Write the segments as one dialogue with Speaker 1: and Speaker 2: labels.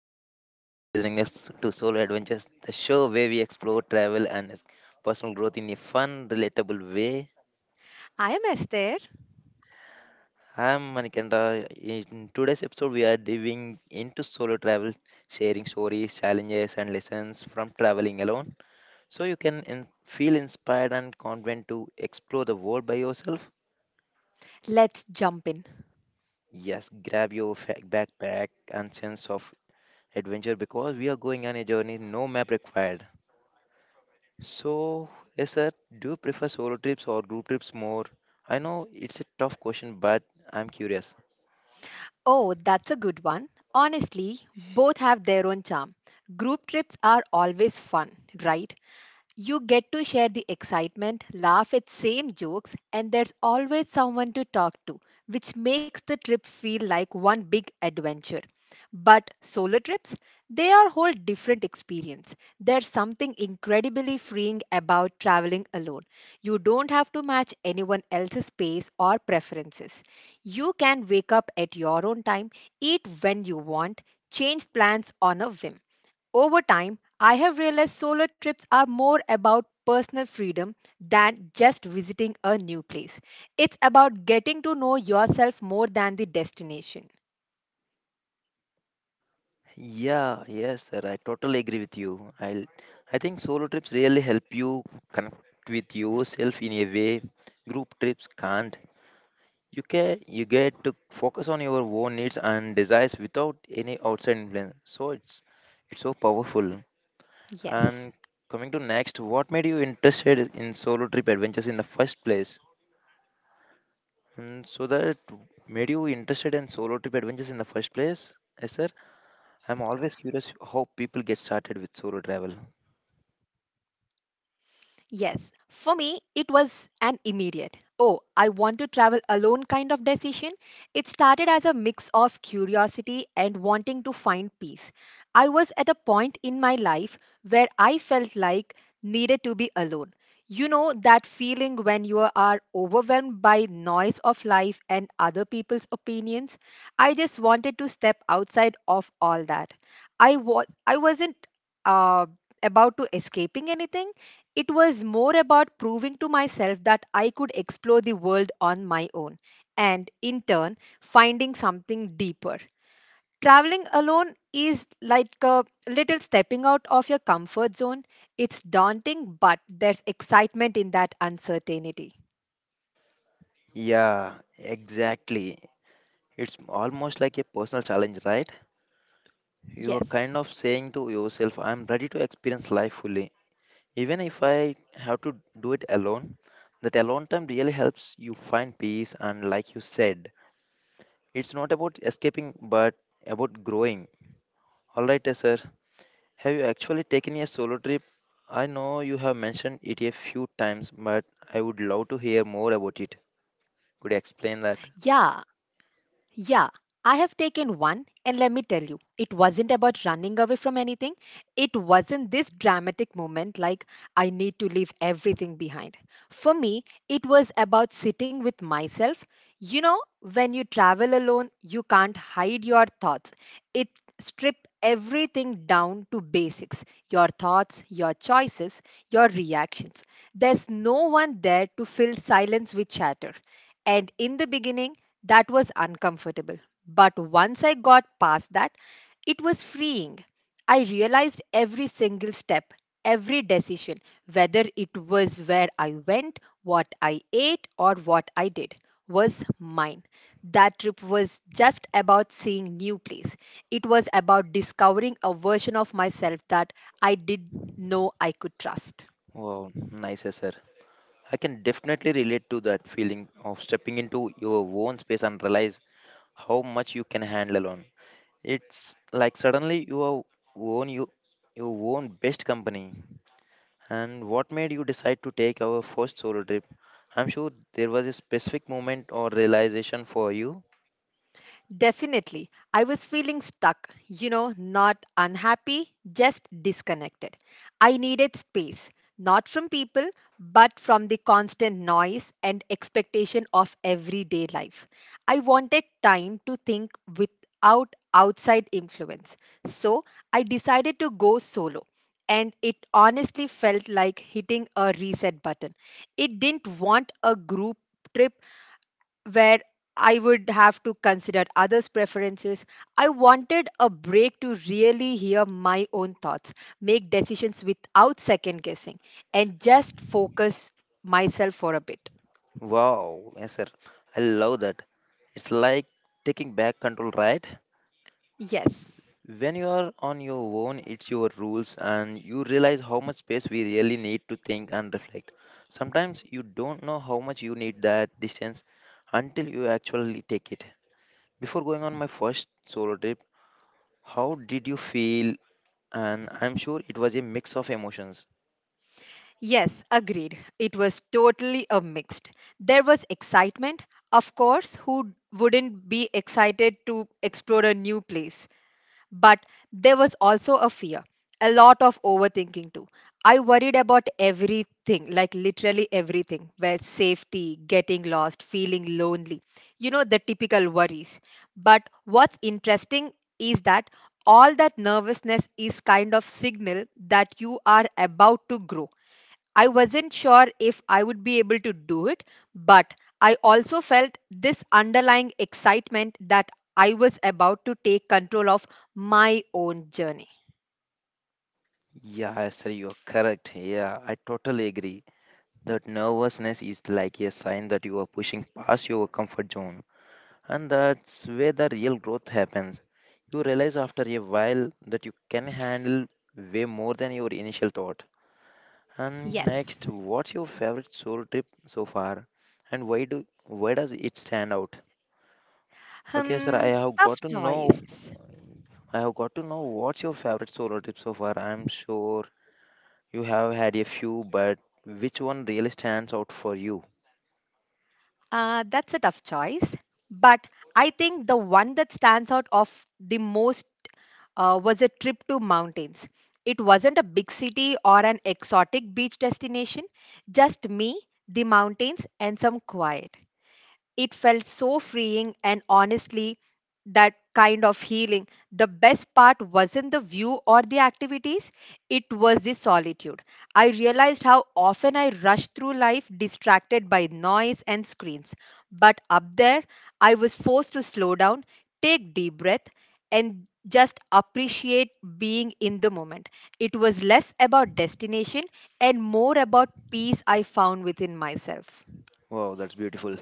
Speaker 1: hi. You are listening this to Solo Adventures, the show where we explore travel and personal growth in a fun, relatable way.
Speaker 2: I am Esther.
Speaker 1: I'm Manikanda. In today's episode, we are diving into solo travel, sharing stories, challenges, and lessons from traveling alone, so you can feel inspired and confident to explore the world by yourself.
Speaker 2: Let's jump in.
Speaker 1: Yes, grab your backpack and sense of adventure because we are going on a journey no map required. So, yes, sir, do you prefer solo trips or group trips more? I know it's a tough question, but I'm curious.
Speaker 2: Oh, that's a good one. Honestly, both have their own charm. Group trips are always fun, right? You get to share the excitement, laugh at same jokes, and there's always someone to talk to, which makes the trip feel like one big adventure. But solo trips, they are whole different experience. There's something incredibly freeing about traveling alone. You don't have to match anyone else's pace or preferences. You can wake up at your own time, eat when you want, change plans on a whim over time, I have realized solo trips are more about personal freedom than just visiting a new place. It's about getting to know yourself more than the destination.
Speaker 1: Yeah, yes, sir, I totally agree with you. I think solo trips really help you connect with yourself in a way group trips can't. You get to focus on your own needs and desires without any outside influence. So it's so powerful.
Speaker 2: Yes.
Speaker 1: And coming to next, what made you interested in solo trip adventures in the first place? So that made you interested in solo trip adventures in the first place, yes, sir. I'm always curious how people get started with solo travel.
Speaker 2: Yes, for me, it was an immediate, oh, I want to travel alone kind of decision. It started as a mix of curiosity and wanting to find peace. I was at a point in my life where I felt like needed to be alone. You know that feeling when you are overwhelmed by noise of life and other people's opinions? I just wanted to step outside of all that. I wasn't um about to escaping anything. It was more about proving to myself that I could explore the world on my own and in turn finding something deeper. Traveling alone is like a little stepping out of your comfort zone. It's daunting, but there's excitement in that uncertainty.
Speaker 1: Yeah, exactly. It's almost like a personal challenge, right? You are
Speaker 2: Yes.
Speaker 1: kind of saying to yourself, I'm ready to experience life fully. Even if I have to do it alone, that alone time really helps you find peace. And like you said, it's not about escaping, but about growing. All right, yes, sir. Have you actually taken a solo trip? I know you have mentioned it a few times, but I would love to hear more about it. Could you explain that?
Speaker 2: Yeah, Yeah, I have taken one, and let me tell you, it wasn't about running away from anything. It wasn't this dramatic moment like I need to leave everything behind. For me, it was about sitting with myself. You know, when you travel alone, you can't hide your thoughts. It strip everything down to basics your thoughts your choices your reactions there's no one there to fill silence with chatter and in the beginning that was uncomfortable. But once I got past that, it was freeing. I realized every single step, every decision, whether it was where I went, what I ate, or what I did, was mine. That trip was just about seeing new place. It was about discovering a version of myself that I did know I could trust.
Speaker 1: Wow, nice sir. I can definitely relate to that feeling of stepping into your own space and realize how much you can handle alone. It's like suddenly you are own you your own best company. And what made you decide to take our first solo trip? I'm sure there was a specific moment or realization for you.
Speaker 2: Definitely. I was feeling stuck, you know, not unhappy, just disconnected. I needed space, not from people, but from the constant noise and expectation of everyday life. I wanted time to think without outside influence. So I decided to go solo. And it honestly felt like hitting a reset button. It didn't want a group trip where I would have to consider others' preferences. I wanted a break to really hear my own thoughts, make decisions without second guessing, and just focus myself for a bit.
Speaker 1: Wow, yes, sir. I love that. It's like taking back control, right?
Speaker 2: Yes.
Speaker 1: When you are on your own, it's your rules, and you realize how much space we really need to think and reflect. Sometimes you don't know how much you need that distance until you actually take it. Before going on my first solo trip, how did you feel? And I'm sure it was a mix of emotions.
Speaker 2: Yes, agreed. It was totally a mixed. There was excitement. Of course, who wouldn't be excited to explore a new place? But there was also a fear, a lot of overthinking too. I worried about everything, like literally everything, where safety, getting lost, feeling lonely, you know, the typical worries. But what's interesting is that all that nervousness is kind of signal that you are about to grow. I wasn't sure if I would be able to do it, but I also felt this underlying excitement that I was about to take control of my own journey.
Speaker 1: Yeah, sir, you're correct. Yeah, I totally agree. That nervousness is like a sign that you are pushing past your comfort zone, and that's where the real growth happens. You realize after a while that you can handle way more than your initial thought. And
Speaker 2: Yes.
Speaker 1: next, what's your favorite solo trip so far, and why does it stand out? Okay,
Speaker 2: Hmm,
Speaker 1: sir, I have
Speaker 2: tough
Speaker 1: got to know.
Speaker 2: choice.
Speaker 1: I have got to know what's your favorite solo trip so far. I'm sure you have had a few, but which one really stands out for you?
Speaker 2: That's a tough choice. But I think the one that stands out of the most was a trip to mountains. It wasn't a big city or an exotic beach destination, just me, the mountains, and some quiet. It felt so freeing and honestly, that kind of healing. The best part wasn't the view or the activities, it was the solitude. I realized how often I rushed through life distracted by noise and screens. But up there, I was forced to slow down, take deep breath, and just appreciate being in the moment. It was less about destination and more about peace I found within myself.
Speaker 1: Wow, that's beautiful.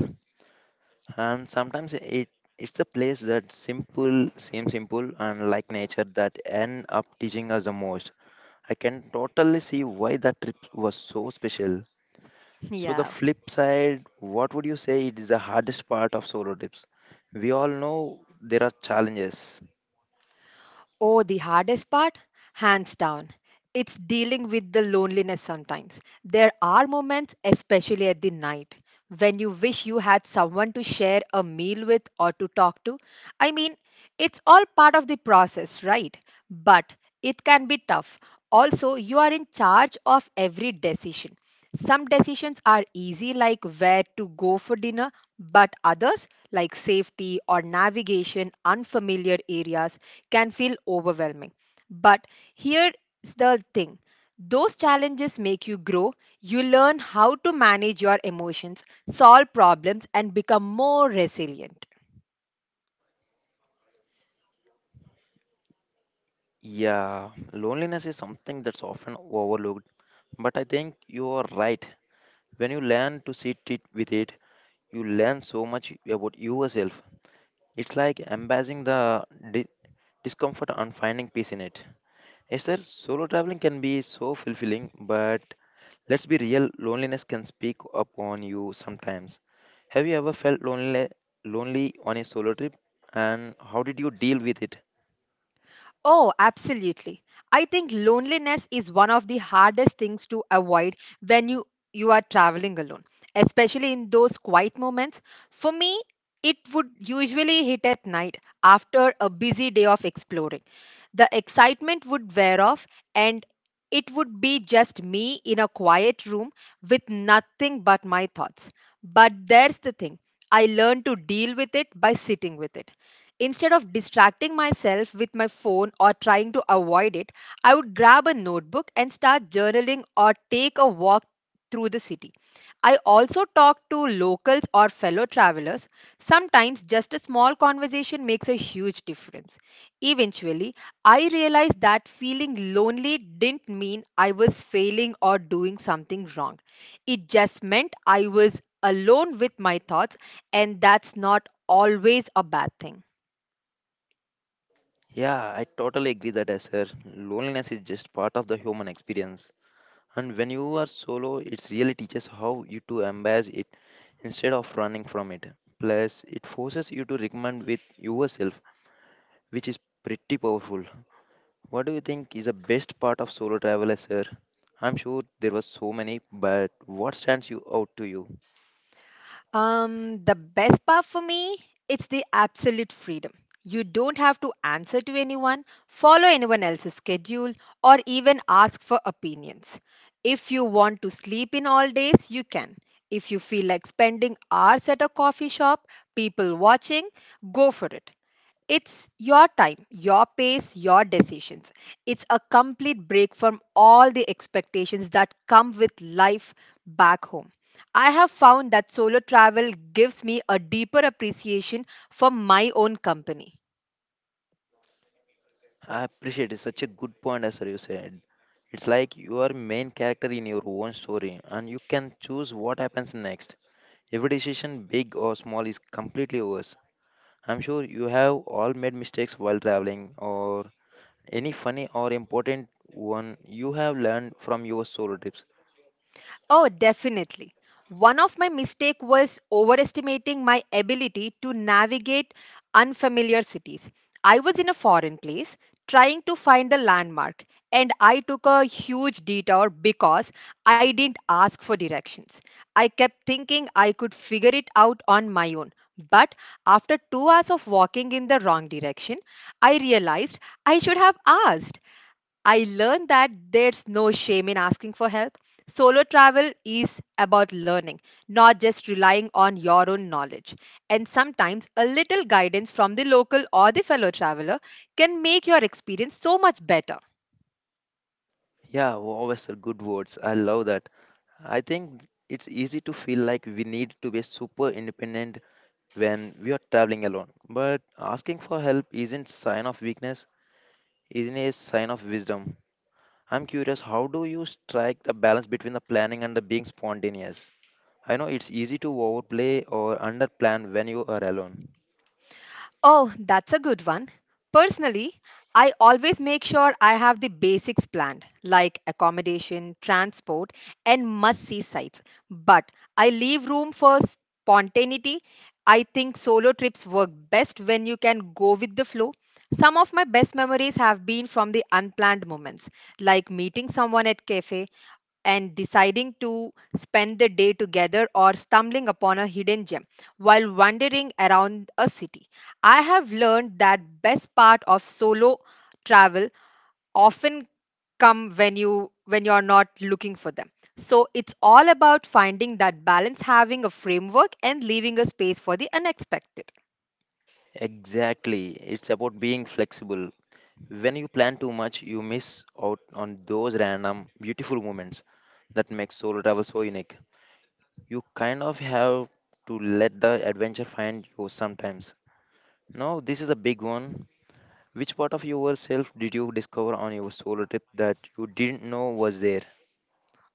Speaker 1: And sometimes it's the place that simple seems simple and like nature that end up teaching us the most. I can totally see why that trip was so special.
Speaker 2: Yeah.
Speaker 1: So the flip side, what would you say it is the hardest part of solo trips? We all know there are challenges.
Speaker 2: Oh, the hardest part? Hands down. It's dealing with the loneliness sometimes. There are moments, especially at the night, when you wish you had someone to share a meal with or to talk to. I mean, it's all part of the process, right? But it can be tough. Also, you are in charge of every decision. Some decisions are easy, like where to go for dinner, but others, like safety or navigation, unfamiliar areas, can feel overwhelming. But here's the thing, those challenges make you grow. You learn how to manage your emotions, solve problems, and become more resilient.
Speaker 1: Yeah, loneliness is something that's often overlooked, but I think you are right. When you learn to sit it with it, you learn so much about yourself. It's like embracing the di- discomfort and finding peace in it. Yes, sir, solo traveling can be so fulfilling, but let's be real, loneliness can speak up on you sometimes. Have you ever felt lonely on a solo trip? And how did you deal with it?
Speaker 2: Oh, absolutely. I think loneliness is one of the hardest things to avoid when you are traveling alone, especially in those quiet moments. For me, it would usually hit at night after a busy day of exploring. The excitement would wear off and it would be just me in a quiet room with nothing but my thoughts. But there's the thing. I learned to deal with it by sitting with it. Instead of distracting myself with my phone or trying to avoid it, I would grab a notebook and start journaling or take a walk through the city. I also talk to locals or fellow travelers. Sometimes just a small conversation makes a huge difference. Eventually, I realized that feeling lonely didn't mean I was failing or doing something wrong. It just meant I was alone with my thoughts, and that's not always a bad thing.
Speaker 1: Yeah, I totally agree that, yes, sir. Loneliness is just part of the human experience. And when you are solo, it really teaches how you to embrace it instead of running from it. Plus, it forces you to recommend with yourself, which is pretty powerful. What do you think is the best part of solo travel, sir? I'm sure there was so many, but what stands you out to you?
Speaker 2: The best part for me, it's the absolute freedom. You don't have to answer to anyone, follow anyone else's schedule, or even ask for opinions. If you want to sleep in all days, you can. If you feel like spending hours at a coffee shop, people watching, go for it. It's your time, your pace, your decisions. It's a complete break from all the expectations that come with life back home. I have found that solo travel gives me a deeper appreciation for my own company.
Speaker 1: I appreciate it. Such a good point, as sir, you said. It's like you are main character in your own story, and you can choose what happens next. Every decision, big or small, is completely yours. I'm sure you have all made mistakes while traveling, or any funny or important one you have learned from your solo trips.
Speaker 2: Oh, definitely. One of my mistake was overestimating my ability to navigate unfamiliar cities. I was in a foreign place trying to find a landmark and I took a huge detour because I didn't ask for directions. I kept thinking I could figure it out on my own. But after 2 hours of walking in the wrong direction, I realized I should have asked. I learned that there's no shame in asking for help. Solo travel is about learning, not just relying on your own knowledge. And sometimes a little guidance from the local or the fellow traveler can make your experience so much better.
Speaker 1: Yeah, wow, sir, good words. I love that. I think it's easy to feel like we need to be super independent when we are traveling alone. But asking for help isn't sign of weakness, isn't a sign of wisdom. I'm curious, how do you strike the balance between the planning and the being spontaneous? I know it's easy to overplay or underplan when you are alone.
Speaker 2: Oh, that's a good one. Personally, I always make sure I have the basics planned, like accommodation, transport, and must see sites. But I leave room for spontaneity. I think solo trips work best when you can go with the flow. Some of my best memories have been from the unplanned moments, like meeting someone at cafe and deciding to spend the day together or stumbling upon a hidden gem while wandering around a city. I have learned that best part of solo travel often come when you're not looking for them. So it's all about finding that balance having a framework and leaving a space for the unexpected.
Speaker 1: Exactly. It's about being flexible. When you plan too much, you miss out on those random, beautiful moments that make solo travel so unique. You kind of have to let the adventure find you sometimes. Now, this is a big one. Which part of yourself did you discover on your solo trip that you didn't know was there?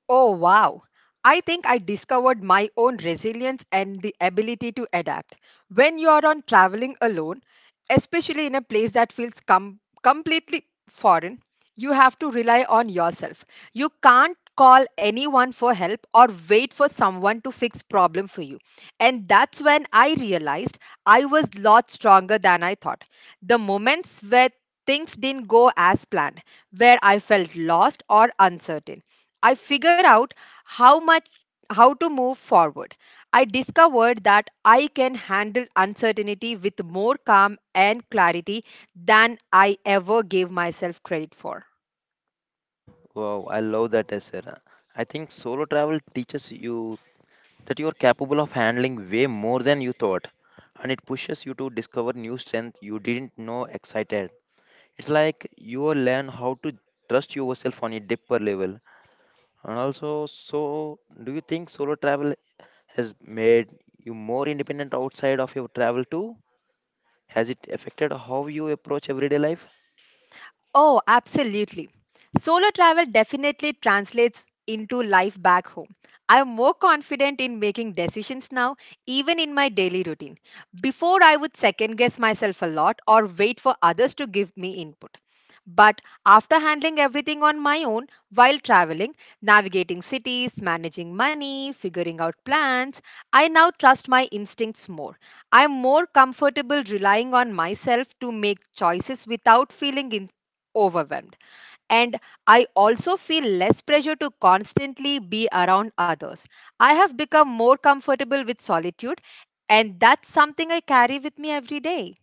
Speaker 2: Oh, wow. I think I discovered my own resilience and the ability to adapt. When you are on traveling alone, especially in a place that feels completely foreign, you have to rely on yourself. You can't call anyone for help or wait for someone to fix problem for you. And that's when I realized I was lot stronger than I thought. The moments where things didn't go as planned, where I felt lost or uncertain I figured out how much how to move forward. I discovered that I can handle uncertainty with more calm and clarity than I ever gave myself credit for.
Speaker 1: Wow, I love that answer. I think solo travel teaches you that you're capable of handling way more than you thought, and it pushes you to discover new strength you didn't know excited. It's like you will learn how to trust yourself on a deeper level. And also do you think solo travel has made you more independent outside of your travel too? Has it affected how you approach everyday life?
Speaker 2: Oh, absolutely. Solo travel definitely translates into life back home. I'm more confident in making decisions now, even in my daily routine. Before, I would second guess myself a lot or wait for others to give me input. But after handling everything on my own while traveling, navigating cities, managing money, figuring out plans, I now trust my instincts more. I'm more comfortable relying on myself to make choices without feeling overwhelmed. And I also feel less pressure to constantly be around others. I have become more comfortable with solitude, and that's something I carry with me every day.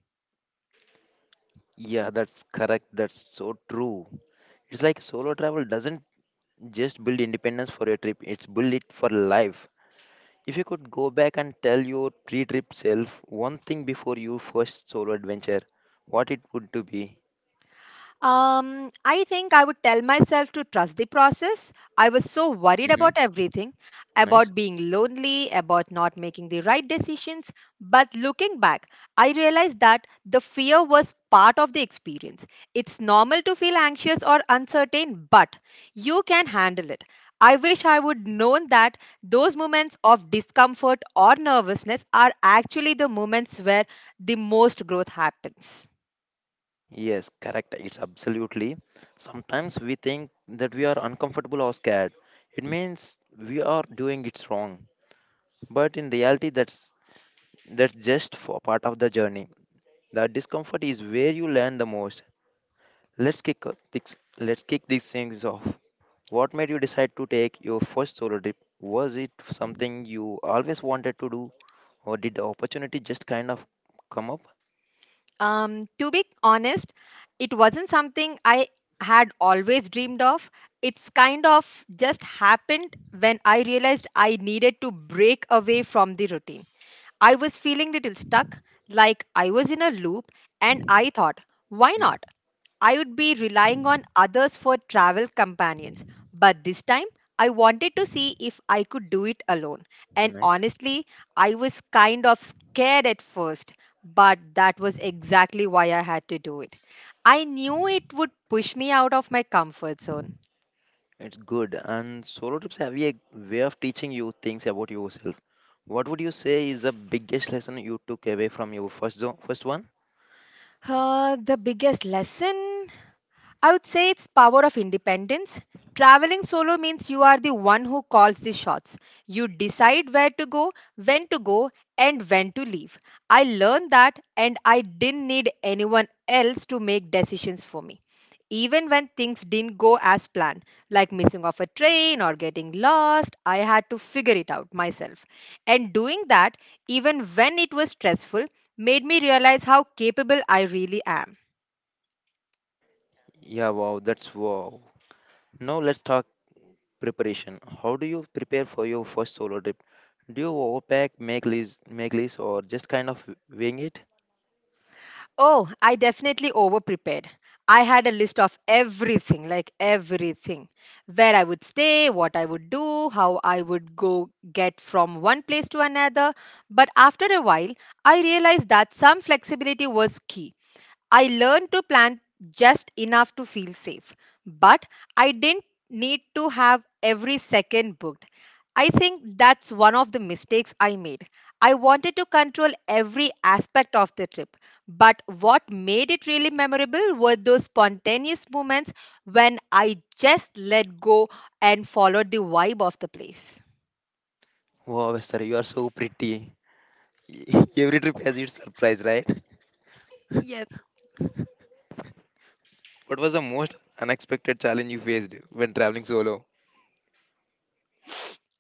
Speaker 1: Yeah, that's correct. That's so true. It's like solo travel doesn't just build independence for a trip, it's build it for life. If you could go back and tell your pre trip self one thing before your first solo adventure, what it would to be?
Speaker 2: I think I would tell myself to trust the process. I was so worried about
Speaker 1: Hmm.
Speaker 2: everything, about
Speaker 1: Nice.
Speaker 2: being lonely, about not making the right decisions. But looking back, I realized that the fear was part of the experience. It's normal to feel anxious or uncertain, but you can handle it. I wish I would known that those moments of discomfort or nervousness are actually the moments where the most growth happens.
Speaker 1: Yes, correct. It's absolutely. Sometimes we think that we are uncomfortable or scared. It means we are doing it wrong. But in reality, that's just for part of the journey. The discomfort is where you learn the most. Let's kick these things off. What made you decide to take your first solo trip? Was it something you always wanted to do, or did the opportunity just kind of come up?
Speaker 2: To be honest, it wasn't something I had always dreamed of. It's kind of just happened when I realized I needed to break away from the routine. I was feeling little stuck, like I was in a loop, and I thought, why
Speaker 1: Mm.
Speaker 2: not? I would be relying on others for travel companions. But this time, I wanted to see if I could do it alone. And
Speaker 1: Nice.
Speaker 2: honestly, I was kind of scared at first, but that was exactly why I had to do it. I knew it would push me out of my comfort zone.
Speaker 1: It's good. And solo trips have a way of teaching you things about yourself. What would you say is the biggest lesson you took away from your first one?
Speaker 2: The biggest lesson? I would say it's power of independence. Traveling solo means you are the one who calls the shots. You decide where to go, when to go, and when to leave. I learned that and I didn't need anyone else to make decisions for me. Even when things didn't go as planned, like missing off a train or getting lost, I had to figure it out myself. And doing that, even when it was stressful, made me realize how capable I really am.
Speaker 1: Yeah, wow, that's wow. Now let's talk preparation. How do you prepare for your first solo trip? Do you overpack, make list, or just kind of wing it?
Speaker 2: Oh, I definitely over prepared. I had a list of everything, like everything where I would stay, what I would do, how I would go get from one place to another. But after a while, I realized that some flexibility was key. I learned to plan just enough to feel safe, but I didn't need to have every second booked. I think that's one of the mistakes I made. I wanted to control every aspect of the trip, but what made it really memorable were those spontaneous moments when I just let go and followed the vibe of the place.
Speaker 1: Wow, sir, you are so pretty. Every trip has its surprise, right?
Speaker 2: Yes.
Speaker 1: What was the most unexpected challenge you faced when traveling solo?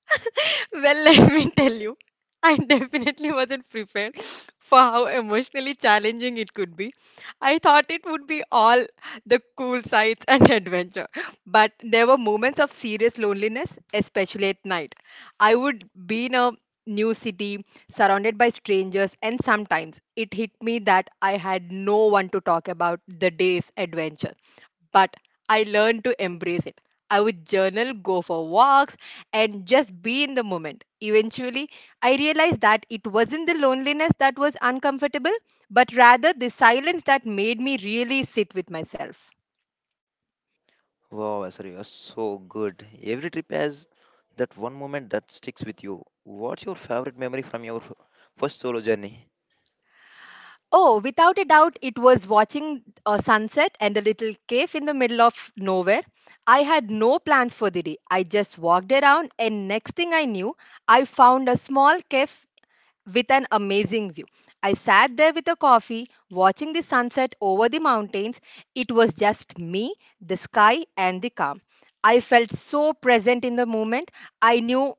Speaker 2: Well, let me tell you, I definitely wasn't prepared for how emotionally challenging it could be. I thought it would be all the cool sights and adventure, but there were moments of serious loneliness, especially at night. I would be in a new city, surrounded by strangers, and sometimes it hit me that I had no one to talk about the day's adventures, but I learned to embrace it. I would journal, go for walks, and just be in the moment. Eventually, I realized that it wasn't the loneliness that was uncomfortable, but rather the silence that made me really sit with myself.
Speaker 1: Wow, sir, you are so good. Every trip has that one moment that sticks with you. What's your favorite memory from your first solo journey?
Speaker 2: Oh, without a doubt, it was watching a sunset and a little cave in the middle of nowhere. I had no plans for the day. I just walked around, and next thing I knew, I found a small cave with an amazing view. I sat there with a coffee, watching the sunset over the mountains. It was just me, the sky, and the calm. I felt so present in the moment. I knew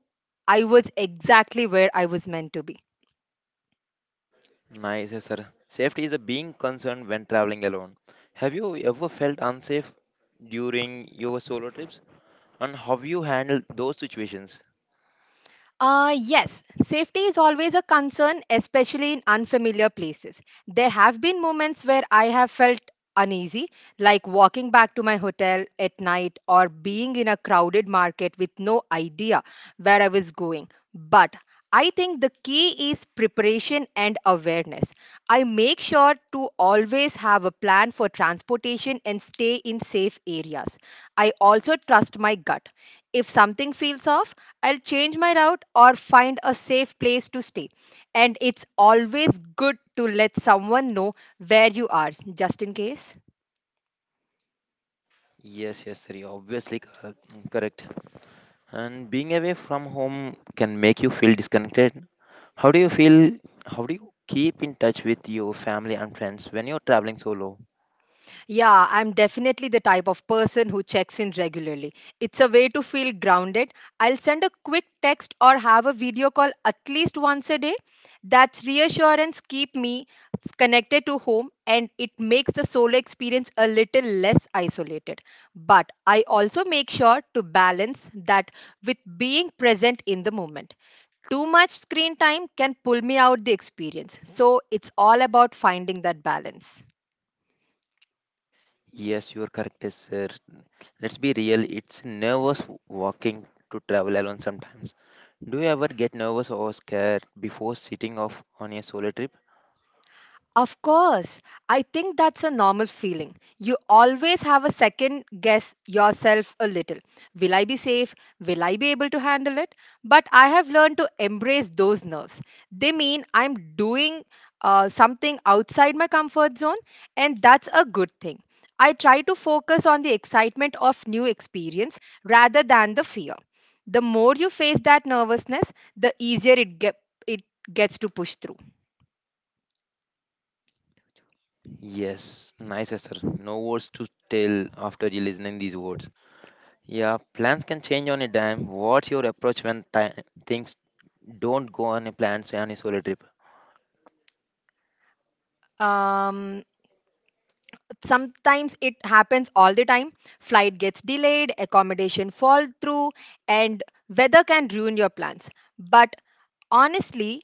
Speaker 2: I was exactly where I was meant to be.
Speaker 1: Nice, yes, sir. Safety is a being concerned when traveling alone. Have you ever felt unsafe during your solo trips? And how you handled those situations?
Speaker 2: Yes, safety is always a concern, especially in unfamiliar places. There have been moments where I have felt uneasy, like walking back to my hotel at night or being in a crowded market with no idea where I was going. But I think the key is preparation and awareness. I make sure to always have a plan for transportation and stay in safe areas. I also trust my gut. If something feels off, I'll change my route or find a safe place to stay. And it's always good to let someone know where you are, just in case.
Speaker 1: Yes, yes, sir. You're obviously correct. And being away from home can make you feel disconnected. How do you feel? How do you keep in touch with your family and friends when you're traveling solo?
Speaker 2: Yeah, I'm definitely the type of person who checks in regularly. It's a way to feel grounded. I'll send a quick text or have a video call at least once a day. That's reassurance keep me connected to home, and it makes the solo experience a little less isolated. But I also make sure to balance that with being present in the moment. Too much screen time can pull me out the experience. So it's all about finding that balance.
Speaker 1: Yes, you're correct, sir. Let's be real, it's nervous walking to travel alone sometimes. Do you ever get nervous or scared before sitting off on a solo trip?
Speaker 2: Of course, I think that's a normal feeling. You always have a second guess yourself a little. Will I be safe? Will I be able to handle it? But I have learned to embrace those nerves. They mean I'm doing something outside my comfort zone, and that's a good thing. I try to focus on the excitement of new experience rather than the fear. The more you face that nervousness, the easier it, get, it gets to push through.
Speaker 1: Yes, nice, sir. No words to tell after you listening these words. Yeah, plans can change on a dime. What's your approach when ti things don't go on a plan, so on a solo trip?
Speaker 2: Um Sometimes it happens all the time, flight gets delayed, accommodation fall through, and weather can ruin your plans, but honestly,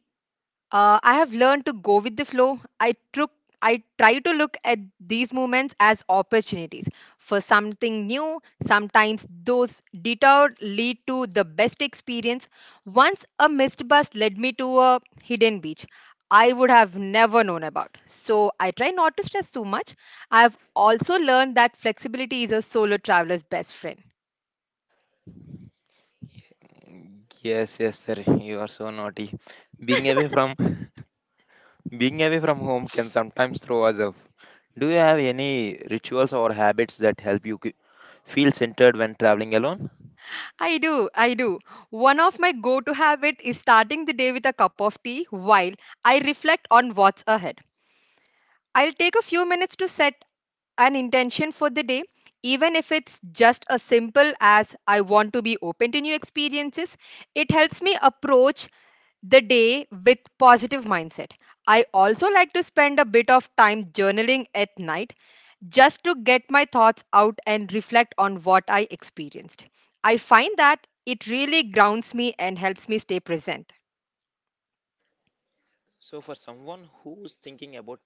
Speaker 2: I have learned to go with the flow. I try to look at these moments as opportunities for something new. Sometimes those detours lead to the best experience. Once a missed bus led me to a hidden beach I would have never known about. So I try not to stress too much. I have also learned that flexibility is a solo traveler's best friend.
Speaker 1: Yes, yes, sir. You are so naughty. Being away from being away from home can sometimes throw us off. Do you have any rituals or habits that help you feel centered when traveling alone?
Speaker 2: I do, I do. One of my go to habit is starting the day with a cup of tea while I reflect on what's ahead. I'll take a few minutes to set an intention for the day, even if it's just as simple as I want to be open to new experiences. It helps me approach the day with positive mindset. I also like to spend a bit of time journaling at night just to get my thoughts out and reflect on what I experienced. I find that it really grounds me and helps me stay present.
Speaker 1: So, for someone who's thinking about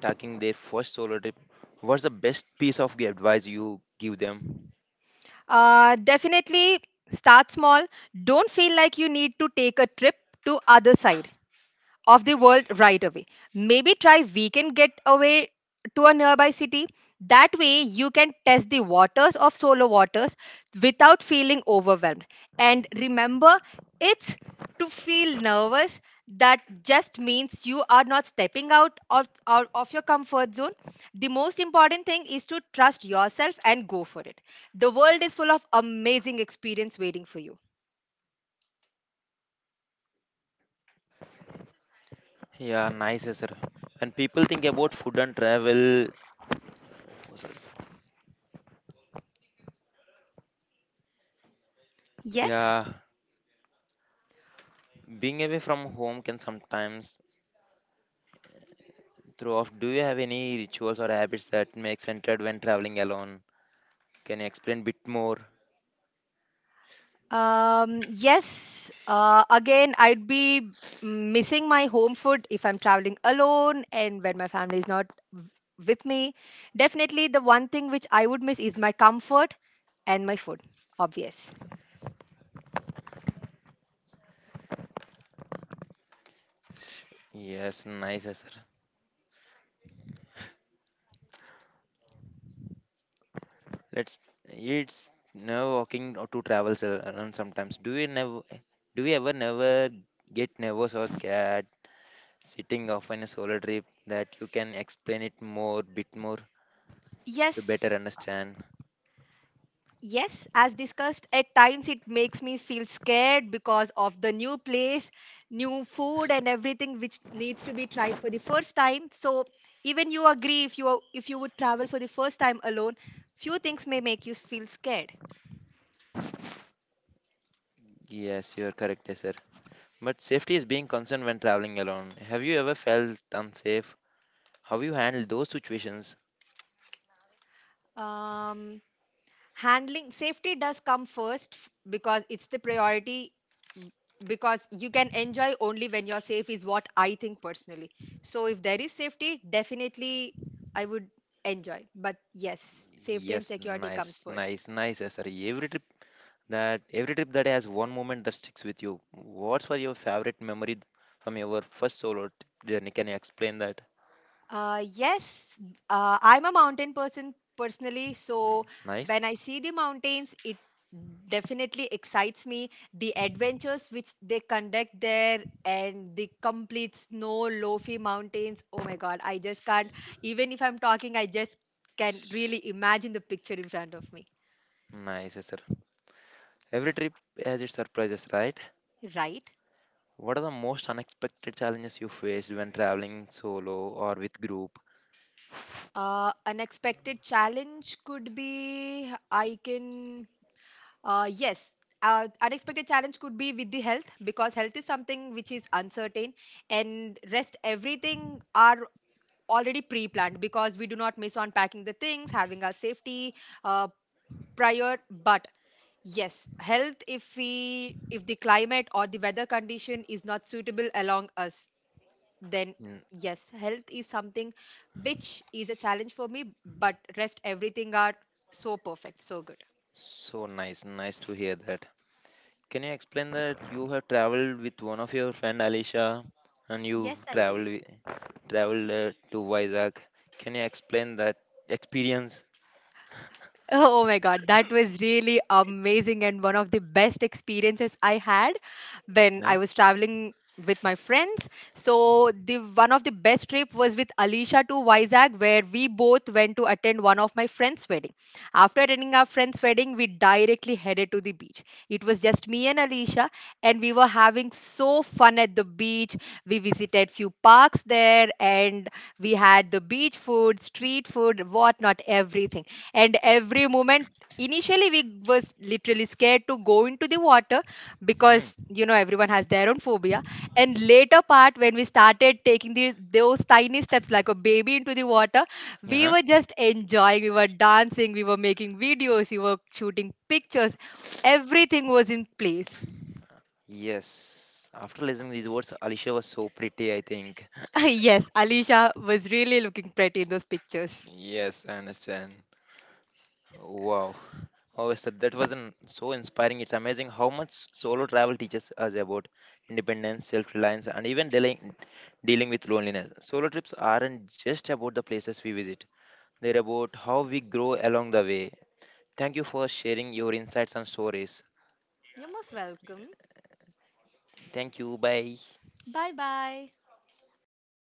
Speaker 1: taking their first solo trip, what's the best piece of advice you give them?
Speaker 2: Definitely start small. Don't feel like you need to take a trip to other side of the world right away. Maybe try weekend getaway to a nearby city. That way, you can test the waters of solo waters without feeling overwhelmed. And remember, it's to feel nervous that just means you are not stepping out of your comfort zone. The most important thing is to trust yourself and go for it. The world is full of amazing experience waiting for you.
Speaker 1: Yeah, nice answer. When people think about food and travel, oh, sorry.
Speaker 2: Yes?
Speaker 1: Yeah, being away from home can sometimes throw off. Do you have any rituals or habits that make centered when traveling alone? Can you explain bit more?
Speaker 2: Yes, again, I'd be missing my home food if I'm traveling alone and when my family is not w- with me. Definitely, the one thing which I would miss is my comfort and my food, obvious.
Speaker 1: Yes, nice answer. Let's. It's nerve walking to travel sir, alone sometimes. Do you never? Do you ever never get nervous or scared sitting off on a solo trip? That you can explain it more, bit more to
Speaker 2: Yes,
Speaker 1: better understand.
Speaker 2: yes, as discussed, at times it makes me feel scared because of the new place, new food, and everything which needs to be tried for the first time. So even you agree if you would travel for the first time alone, few things may make you feel scared.
Speaker 1: Yes, you are correct, yes, sir. But safety is being concerned when traveling alone. Have you ever felt unsafe? How you handle those situations?
Speaker 2: Um, Handling safety does come first because it's the priority, b- because you can enjoy only when you're safe is what I think personally. So if there is safety, definitely I would enjoy, but yes, safety and
Speaker 1: Yes,
Speaker 2: security comes first.
Speaker 1: nice, yes, sir. Every trip that has one moment that sticks with you. What's for your favorite memory from your first journey? Can you explain that?
Speaker 2: Uh, yes, I'm a mountain person personally, so
Speaker 1: Nice,
Speaker 2: when I see the mountains, it definitely excites me. The adventures which they conduct there and the complete snow, lofi mountains. Oh my God, I just can't, even if I'm talking, I just can really imagine the picture in front of me,
Speaker 1: Nice, yes, sir. Every trip has its surprises, right?
Speaker 2: right?
Speaker 1: What are the most unexpected challenges you faced when traveling solo or with group?
Speaker 2: Unexpected challenge could be I can. Uh, yes, Unexpected challenge could be with the health, because health is something which is uncertain, and rest everything are already pre-planned, because we do not miss on packing the things, having our safety uh, prior. But yes, health, if we if the climate or the weather condition is not suitable along us, then
Speaker 1: Mm.
Speaker 2: yes, health is something which is a challenge for me. But rest everything are so perfect, so good.
Speaker 1: So nice to hear that. Can you explain that you have traveled with one of your friend Alicia and you
Speaker 2: Yes, I did.
Speaker 1: traveled to Vizag? Can you explain that experience?
Speaker 2: Oh my God, that was really amazing and one of the best experiences I had when
Speaker 1: Yeah.
Speaker 2: I was traveling with my friends. So the one of the best trip was with Alicia to Vizag, where we both went to attend one of my friend's wedding. After attending our friend's wedding, we directly headed to the beach. It was just me and Alicia, and we were having so fun at the beach. We visited few parks there, and we had the beach food, street food, whatnot, everything, and every moment initially we was literally scared to go into the water, because
Speaker 1: Mm-hmm.
Speaker 2: you know everyone has their own phobia, and later part when we started taking the, those tiny steps like a baby into the water, we
Speaker 1: Uh-huh.
Speaker 2: were just enjoying, we were dancing, we were making videos, we were shooting pictures, everything was in place.
Speaker 1: Yes. After listening these words, Alicia was so pretty, I think.
Speaker 2: Yes, Alicia was really looking pretty in those pictures.
Speaker 1: Yes, I understand. Wow. Oh, sir, that was an, so inspiring. It's amazing how much solo travel teaches us about independence, self-reliance, and even dealing with loneliness. Solo trips aren't just about the places we visit; they're about how we grow along the way. Thank you for sharing your insights and stories.
Speaker 2: You're most welcome.
Speaker 1: Thank you. Bye.
Speaker 2: Bye bye. It was fun.